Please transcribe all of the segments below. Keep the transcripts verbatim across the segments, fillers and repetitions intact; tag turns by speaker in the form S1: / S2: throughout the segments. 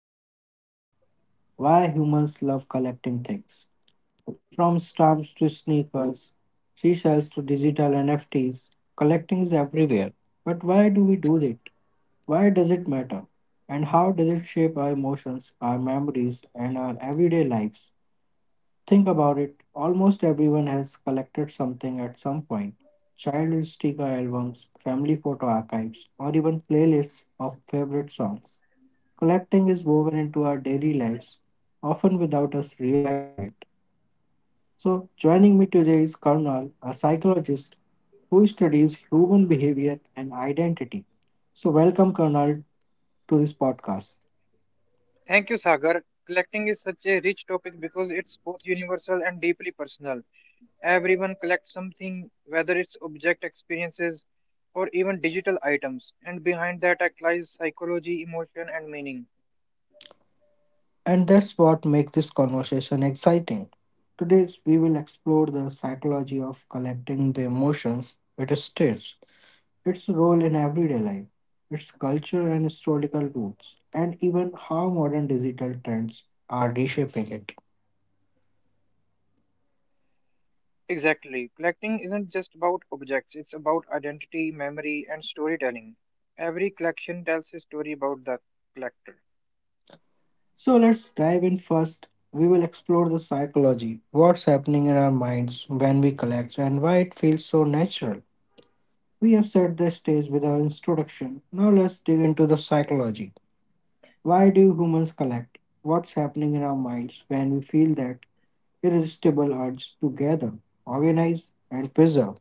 S1: human behavior, why humans love collecting things. From stamps to sneakers, seashells to digital N F Ts, collecting is everywhere. But why do we do it? Why does it matter? And how does it shape our emotions, our memories, and our everyday lives? Think about it, almost everyone has collected something at some point. Child sticker albums, family photo archives, or even playlists of favorite songs. Collecting is woven into our daily lives, often without us realizing it. So, joining me today is Karnal, a psychologist who studies human behavior and identity. So, welcome, Karnal, to this podcast.
S2: Thank you, Sagar. Collecting is such a rich topic because it's both universal and deeply personal. Everyone collects something, whether it's object experiences or even digital items, and behind that act lies psychology, emotion, and meaning.
S1: And that's what makes this conversation exciting. Today, we will explore the psychology of collecting the emotions it states, its role in everyday life, its culture and historical roots, and even how modern digital trends are reshaping it.
S2: Exactly. Collecting isn't just about objects, it's about identity, memory, and storytelling. Every collection tells a story about the collector.
S1: So, let's dive in first. We will explore the psychology, what's happening in our minds when we collect, and why it feels so natural. We have set the stage with our introduction. Now, let's dig into the psychology. Why do humans collect? What's happening in our minds when we feel that irresistible urge to gather, organize, and preserve?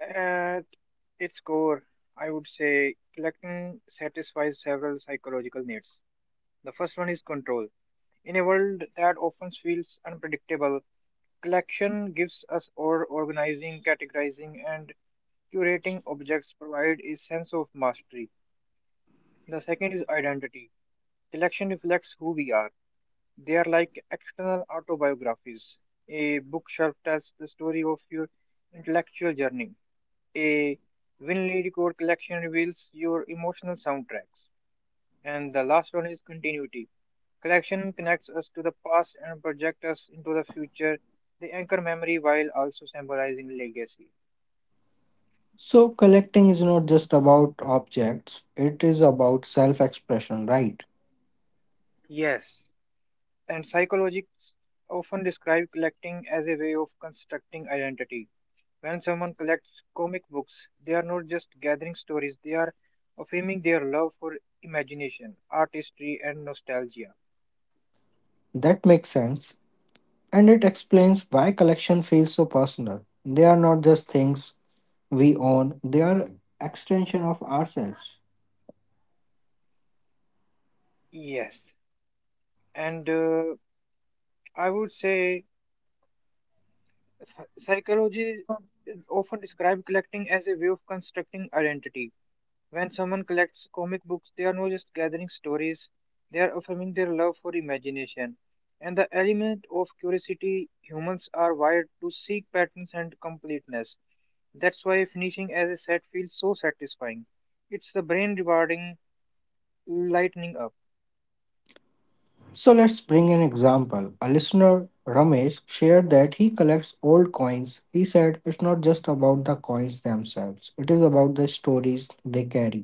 S2: At its core, I would say collecting satisfies several psychological needs. The first one is control. In a world that often feels unpredictable, collection gives us or organizing, categorizing, and curating objects provide a sense of mastery. The second is identity. Collection reflects who we are. They are like external autobiographies. A bookshelf tells the story of your intellectual journey. A Winley record collection reveals your emotional soundtracks. And the last one is continuity. Collection connects us to the past and projects us into the future. They anchor memory while also symbolizing legacy.
S1: So, collecting is not just about objects, it is about self expression, right?
S2: Yes, and psychologists often describe collecting as a way of constructing identity. When someone collects comic books, they are not just gathering stories, they are affirming their love for imagination, artistry, and nostalgia.
S1: That makes sense, and it explains why collection feels so personal. They are not just things we own, they are extension of ourselves.
S2: Yes, and uh, I would say psychology often describe collecting as a way of constructing identity. When someone collects comic books, they are not just gathering stories, they are affirming their love for imagination and the element of curiosity. Humans are wired to seek patterns and completeness. That's why finishing as a set feels so satisfying. It's the brain rewarding lightening up.
S1: So let's bring an example. A listener, Ramesh, shared that he collects old coins. He said it's not just about the coins themselves, it is about the stories they carry.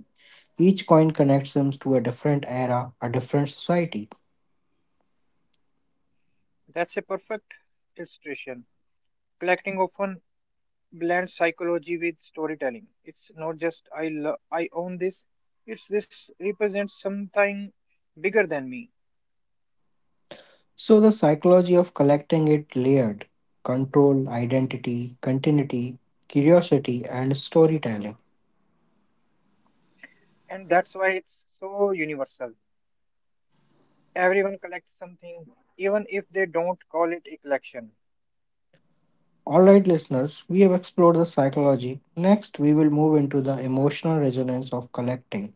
S1: Each coin connects him to a different era, a different society.
S2: That's a perfect illustration. Collecting often blends psychology with storytelling. It's not just I lo- I own this. It's this represents something bigger than me.
S1: So the psychology of collecting it layered control, identity, continuity, curiosity, and storytelling.
S2: And that's why it's so universal. Everyone collects something, even if they don't call it a collection.
S1: Alright, listeners, we have explored the psychology. Next, we will move into the emotional resonance of collecting,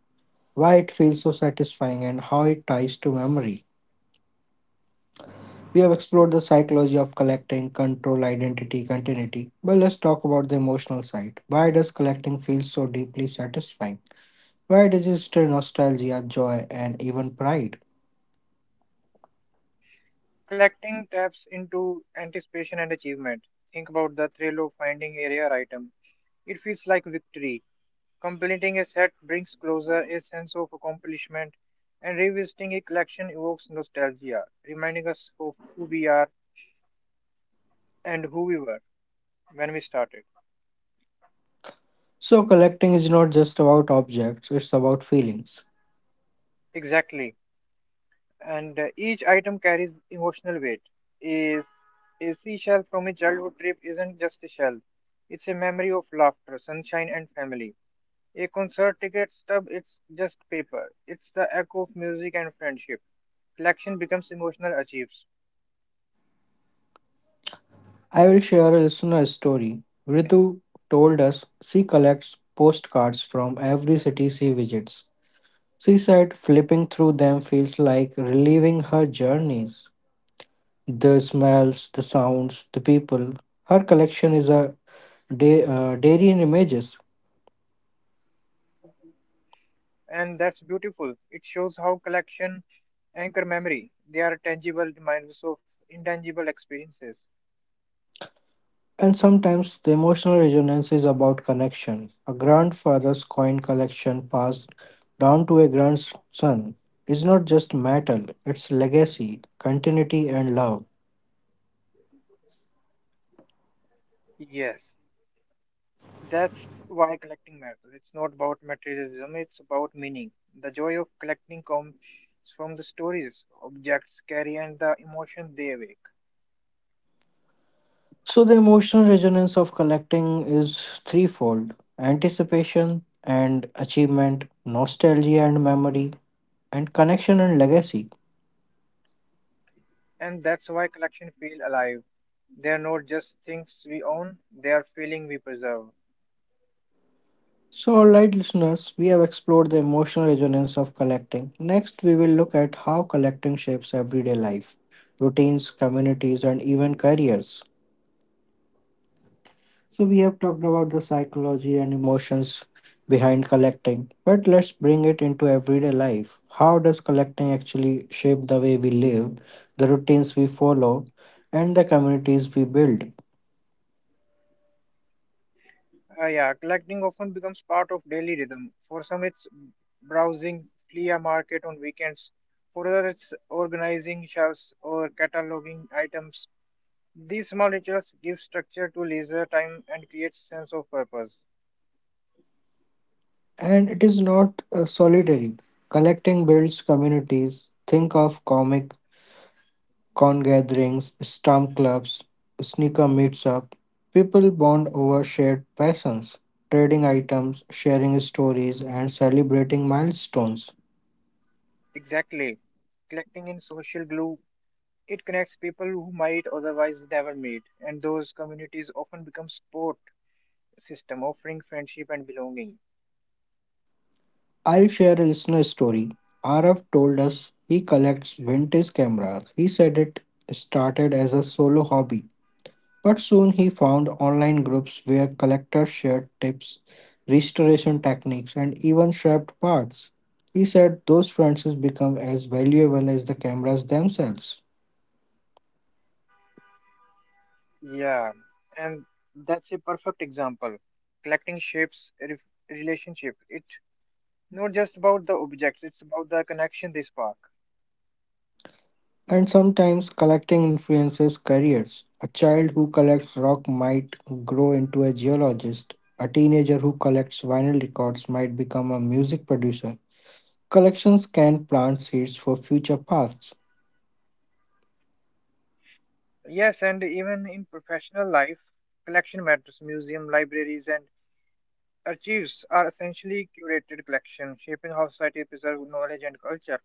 S1: why it feels so satisfying, and how it ties to memory. We have explored the psychology of collecting, control, identity, continuity, but let's talk about the emotional side. Why does collecting feel so deeply satisfying? Why does it stir nostalgia, joy, and even pride?
S2: Collecting taps into anticipation and achievement. Think about the thrill of finding a rare item. It feels like victory. Completing a set brings closure, a sense of accomplishment, and revisiting a collection evokes nostalgia, reminding us of who we are and who we were when we started.
S1: So, collecting is not just about objects, it's about feelings.
S2: Exactly. and uh, Each item carries emotional weight. Is a seashell from a childhood trip isn't just a shell; it's a memory of laughter, sunshine, and family. A concert ticket stub it's just paper. It's the echo of music and friendship. Collection becomes emotional achieves,
S1: I will share a listener story. Ritu told us she collects postcards from every city she visits. She said flipping through them feels like reliving her journeys. The smells, the sounds, the people. Her collection is a da- uh, dairy in images.
S2: and that's beautiful. It shows how collection anchor memory. They are tangible reminders of intangible experiences.
S1: And sometimes the emotional resonance is about connection. A grandfather's coin collection passed down to a grandson is not just metal, it's legacy, continuity, and love.
S2: Yes. That's why collecting matters. It's not about materialism, it's about meaning. The joy of collecting comes from the stories objects carry and the emotion they awake.
S1: So, the emotional resonance of collecting is threefold anticipation and achievement, nostalgia and memory, and connection and legacy.
S2: And that's why collection feel alive. They are not just things we own, they are feeling we preserve.
S1: So, alright, listeners, we have explored the emotional resonance of collecting. Next, we will look at how collecting shapes everyday life, routines, communities, and even careers. So we have talked about the psychology and emotions behind collecting, but let's bring it into everyday life. How does collecting actually shape the way we live, the routines we follow, and the communities we build?
S2: Uh, yeah, collecting often becomes part of daily rhythm. For some, it's browsing flea market on weekends. For others, it's organizing shelves or cataloging items. These small rituals give structure to leisure time and creates sense of purpose.
S1: And it is not uh, solitary. Collecting builds communities. Think of comic con gatherings, stamp clubs, sneaker meets up. People bond over shared passions, trading items, sharing stories, and celebrating milestones.
S2: Exactly. Collecting in social glue, it connects people who might otherwise never meet, and those communities often become support system offering friendship and belonging.
S1: I'll share a listener story. Araf told us he collects vintage cameras. He said it started as a solo hobby, but soon he found online groups where collectors shared tips, restoration techniques, and even swapped parts. He said those friendships become as valuable as the cameras themselves.
S2: Yeah, and that's a perfect example. Collecting shapes re- relationship. It not just about the objects; it's about the connection they spark.
S1: And sometimes collecting influences careers. A child who collects rock might grow into a geologist. A teenager who collects vinyl records might become a music producer. Collections can plant seeds for future paths.
S2: Yes, and even in professional life, collection matters. Museum, libraries, and archives are essentially curated collections, shaping how society preserves knowledge and culture.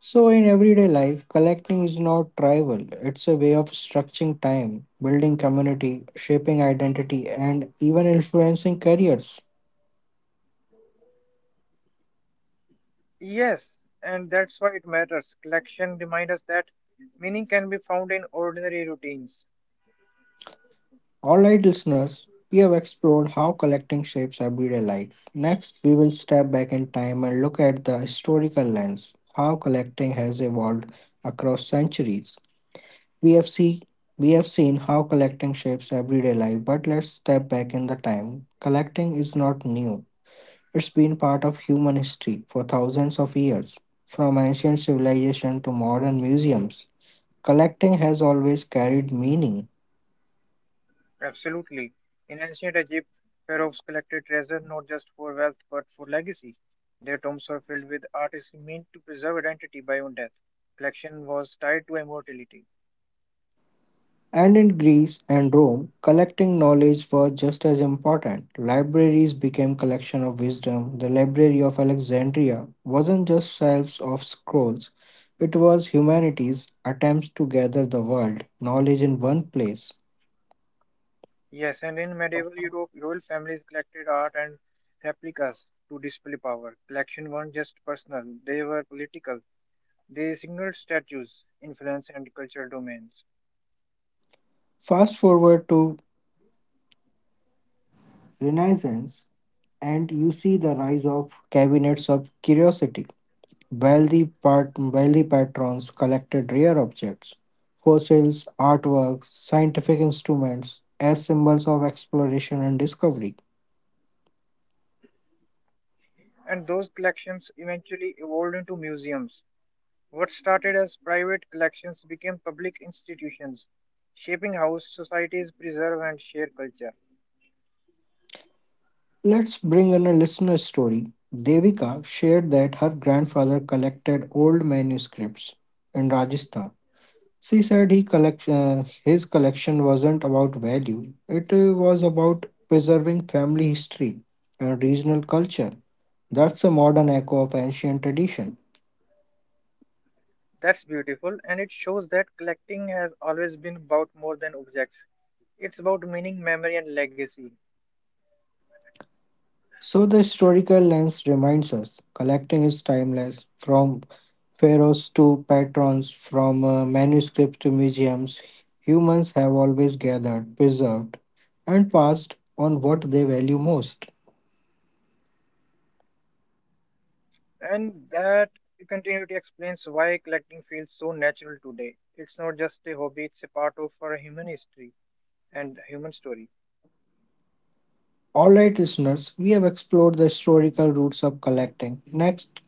S1: So, in everyday life, collecting is not trivial. It's a way of structuring time, building community, shaping identity, and even influencing careers.
S2: Yes, and that's why it matters. Collection remind us that meaning can be found in ordinary routines.
S1: Alright, listeners, we have explored how collecting shapes everyday life. Next, we will step back in time and look at the historical lens, how collecting has evolved across centuries. We have, see, we have seen how collecting shapes everyday life, but let's step back in the time. Collecting is not new, it's been part of human history for thousands of years. From ancient civilization to modern museums, collecting has always carried meaning.
S2: Absolutely. In ancient Egypt, pharaohs collected treasure not just for wealth but for legacy. Their tombs were filled with artists meant to preserve identity beyond death. Collection was tied to immortality.
S1: And in Greece and Rome, collecting knowledge was just as important. Libraries became collection of wisdom. The Library of Alexandria wasn't just shelves of scrolls. It was humanity's attempts to gather the world knowledge in one place.
S2: Yes, and in medieval Europe, royal families collected art and replicas to display power. Collection weren't just personal, they were political. They signaled statues, influence, and cultural domains.
S1: Fast forward to Renaissance and you see the rise of cabinets of curiosity. While the pat- wealthy patrons collected rare objects, fossils, artworks, scientific instruments, as symbols of exploration and discovery.
S2: And those collections eventually evolved into museums. What started as private collections became public institutions, shaping how societies preserve and share culture.
S1: Let's bring in a listener story. Devika shared that her grandfather collected old manuscripts in Rajasthan. She said he collect, uh, his collection wasn't about value, it uh, was about preserving family history and regional culture. That's a modern echo of ancient tradition.
S2: That's beautiful, and it shows that collecting has always been about more than objects. It's about meaning, memory, and legacy.
S1: So the historical lens reminds us collecting is timeless from pharaohs to patrons, from uh, manuscripts to museums. Humans have always gathered, preserved, and passed on what they value most.
S2: And that continuity explains why collecting feels so natural today. It's not just a hobby, it's a part of our human history and human story.
S1: Alright, listeners, we have explored the historical roots of collecting. Next,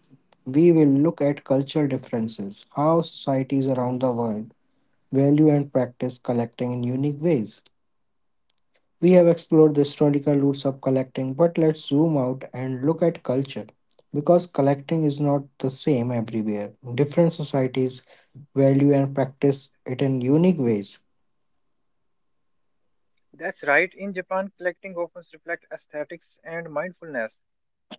S1: we will look at cultural differences, how societies around the world value and practice collecting in unique ways. We have explored the historical roots of collecting, but let's zoom out and look at culture. Because collecting is not the same everywhere. Different societies value and practice it in unique ways.
S2: That's right, in Japan, collecting often reflects aesthetics and mindfulness.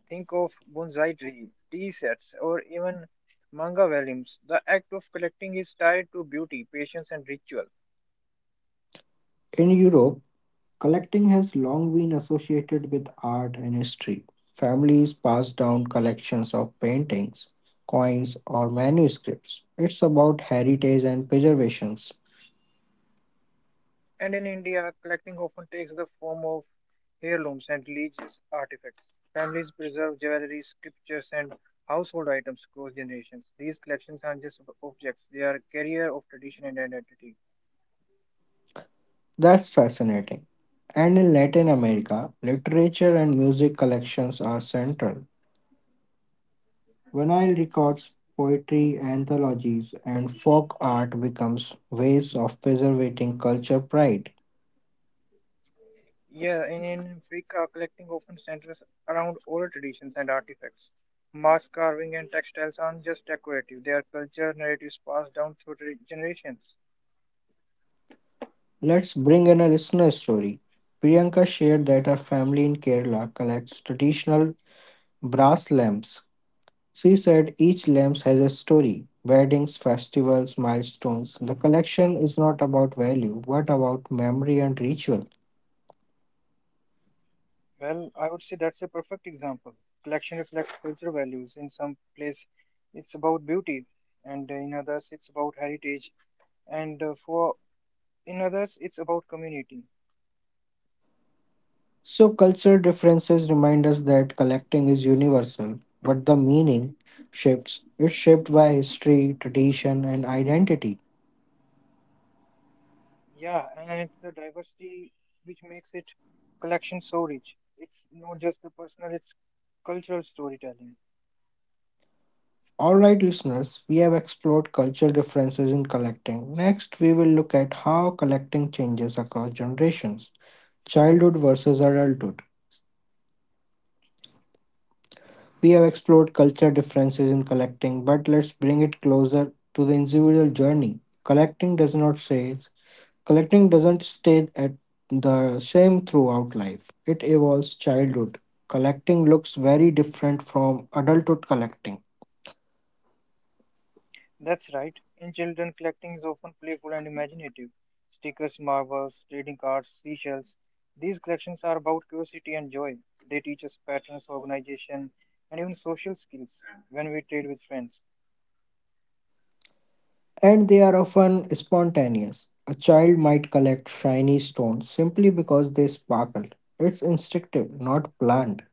S2: Think of bonsai tree, tea sets, or even manga volumes. The act of collecting is tied to beauty, patience, and ritual.
S1: In Europe, collecting has long been associated with art and history. Families pass down collections of paintings, coins, or manuscripts. It's about heritage and preservation.
S2: And in India, collecting often takes the form of heirlooms and religious artifacts. Families preserve jewelry, scriptures, and household items across generations. These collections aren't just ob- objects, they are a carrier of tradition and identity.
S1: That's fascinating. And in Latin America, literature and music collections are central. Vinyl records, poetry, anthologies, and folk art becomes ways of preserving culture pride.
S2: Yeah, in, in Africa, collecting often centers around oral traditions and artifacts. Mass carving and textiles aren't just decorative, they are cultural narratives passed down through tra- generations.
S1: Let's bring in a listener story. Priyanka shared that her family in Kerala collects traditional brass lamps. She said each lamp has a story, weddings, festivals, milestones. The collection is not about value, but about memory and ritual.
S2: Well, I would say that's a perfect example. Collection reflects cultural values. In some place, it's about beauty, and in others, it's about heritage, and uh, for in others, it's about community.
S1: So, cultural differences remind us that collecting is universal, but the meaning shifts. It's shaped by history, tradition, and identity.
S2: Yeah, and it's the diversity which makes it collection so rich. It's not just the personal; it's cultural storytelling.
S1: All right, listeners, we have explored cultural differences in collecting. Next, we will look at how collecting changes across generations, childhood versus adulthood. We have explored cultural differences in collecting, but let's bring it closer to the individual journey. Collecting does not say Collecting doesn't stay at the same throughout life. It evolves childhood. Collecting looks very different from adulthood collecting,
S2: That's right. In children, collecting is often playful and imaginative. Stickers, marbles, trading cards, seashells. These collections are about curiosity and joy. They teach us patterns, organization, and even social skills when we trade with friends.
S1: and they are often spontaneous. A child might collect shiny stones simply because they sparkle. It's instinctive, not planned.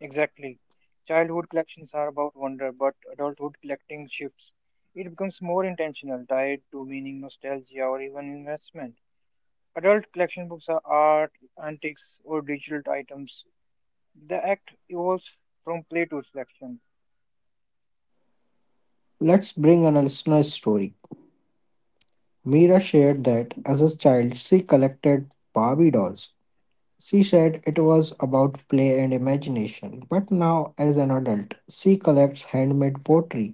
S2: Exactly. Childhood collections are about wonder, but adulthood collecting shifts. It becomes more intentional, tied to meaning, nostalgia, or even investment. Adult collection books are art, antiques, or digital items. The act evolves from play to reflection.
S1: Let's bring an listener's story. Mira shared that as a child, she collected Barbie dolls. She said it was about play and imagination, but now, as an adult, she collects handmade pottery.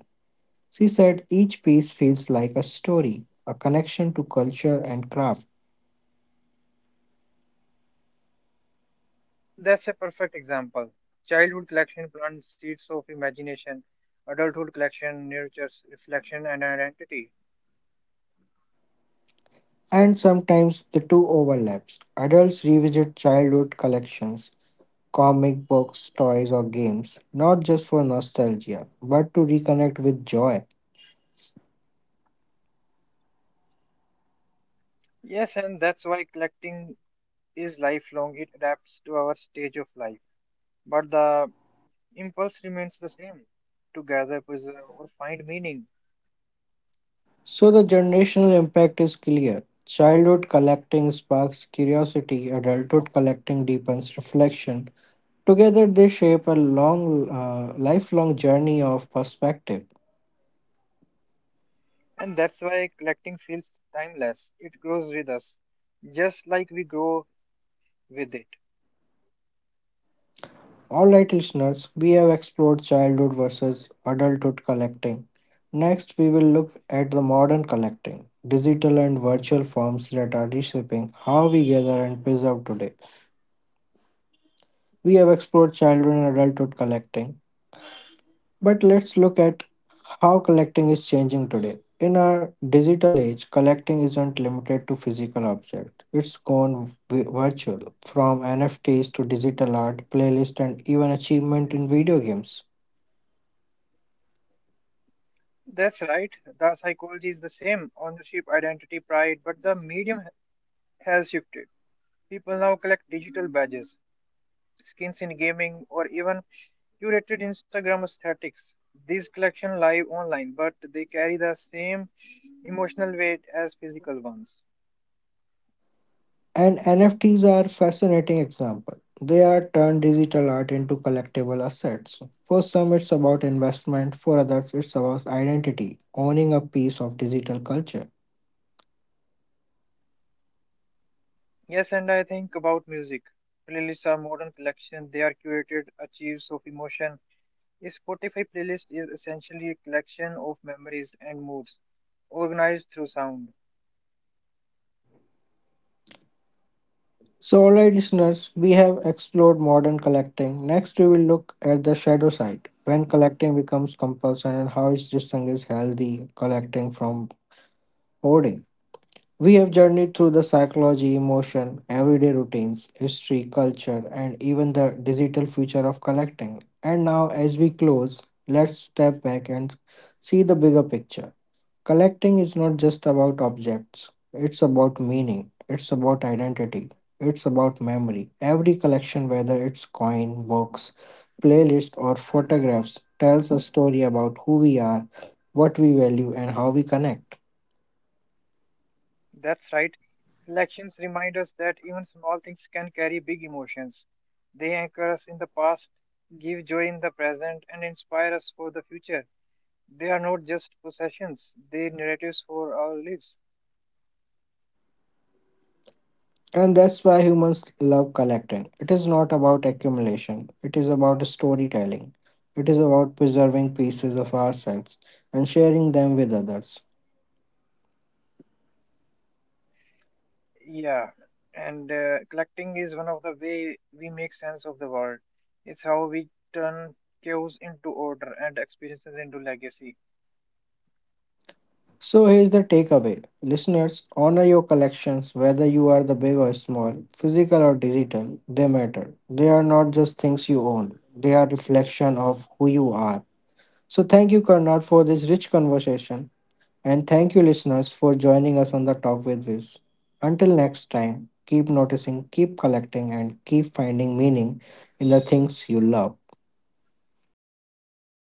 S1: She said each piece feels like a story, a connection to culture and craft,
S2: That's a perfect example. Childhood collection plants seeds of imagination. Adulthood collection nurtures reflection and identity.
S1: and sometimes the two overlaps. Adults revisit childhood collections, comic books, toys, or games, not just for nostalgia, but to reconnect with joy.
S2: Yes, and that's why collecting is lifelong. It adapts to our stage of life. But the impulse remains the same to gather, preserve, or find meaning.
S1: So the generational impact is clear. Childhood collecting sparks curiosity, adulthood collecting deepens reflection. Together, they shape a long, uh, lifelong journey of perspective.
S2: And that's why collecting feels timeless. It grows with us, just like we grow with it.
S1: All right, listeners, we have explored childhood versus adulthood collecting. Next, we will look at the modern collecting, digital and virtual forms that are reshaping how we gather and preserve today. We have explored childhood and adulthood collecting, but let's look at how collecting is changing today. In our digital age, collecting isn't limited to physical objects. It's gone vi- virtual, from N F Ts to digital art, playlist, and even achievement in video games.
S2: That's right. The psychology is the same ownership, identity, pride, but the medium has shifted. People now collect digital badges, skins in gaming, or even curated Instagram aesthetics. These collections live online, but they carry the same emotional weight as physical ones.
S1: And N F Ts are a fascinating example. They are turned digital art into collectible assets. For some, it's about investment. For others, it's about identity, owning a piece of digital culture.
S2: Yes, and I think about music. Playlists are modern collection. They are curated achieves of emotion. A Spotify playlist is essentially a collection of memories and moods, organized through sound.
S1: So, alright, listeners, we have explored modern collecting. Next, we will look at the shadow side when collecting becomes compulsion and how it distinguishes healthy collecting from hoarding. We have journeyed through the psychology, emotion, everyday routines, history, culture, and even the digital future of collecting. And now, as we close, let's step back and see the bigger picture. Collecting is not just about objects, it's about meaning, it's about identity, it's about memory. Every collection, whether it's coin, books, playlist, or photographs, tells a story about who we are, what we value, and how we connect.
S3: That's right. Elections remind us that even small things can carry big emotions. They anchor us in the past, give joy in the present, and inspire us for the future. They are not just possessions, they are narratives for our lives.
S1: And that's why humans love collecting. It is not about accumulation, it is about storytelling. It is about preserving pieces of ourselves and sharing them with others.
S3: Yeah, and uh, collecting is one of the way we make sense of the world. It's how we turn chaos into order and experiences into legacy.
S1: So here's the takeaway. Listeners, honor your collections whether you are the big or small, physical or digital, they matter. They are not just things you own. They are reflection of who you are. So thank you, Karnad, for this rich conversation and thank you listeners for joining us on the Talk with Viz. Until next time, keep noticing, keep collecting and keep finding meaning in the things you love.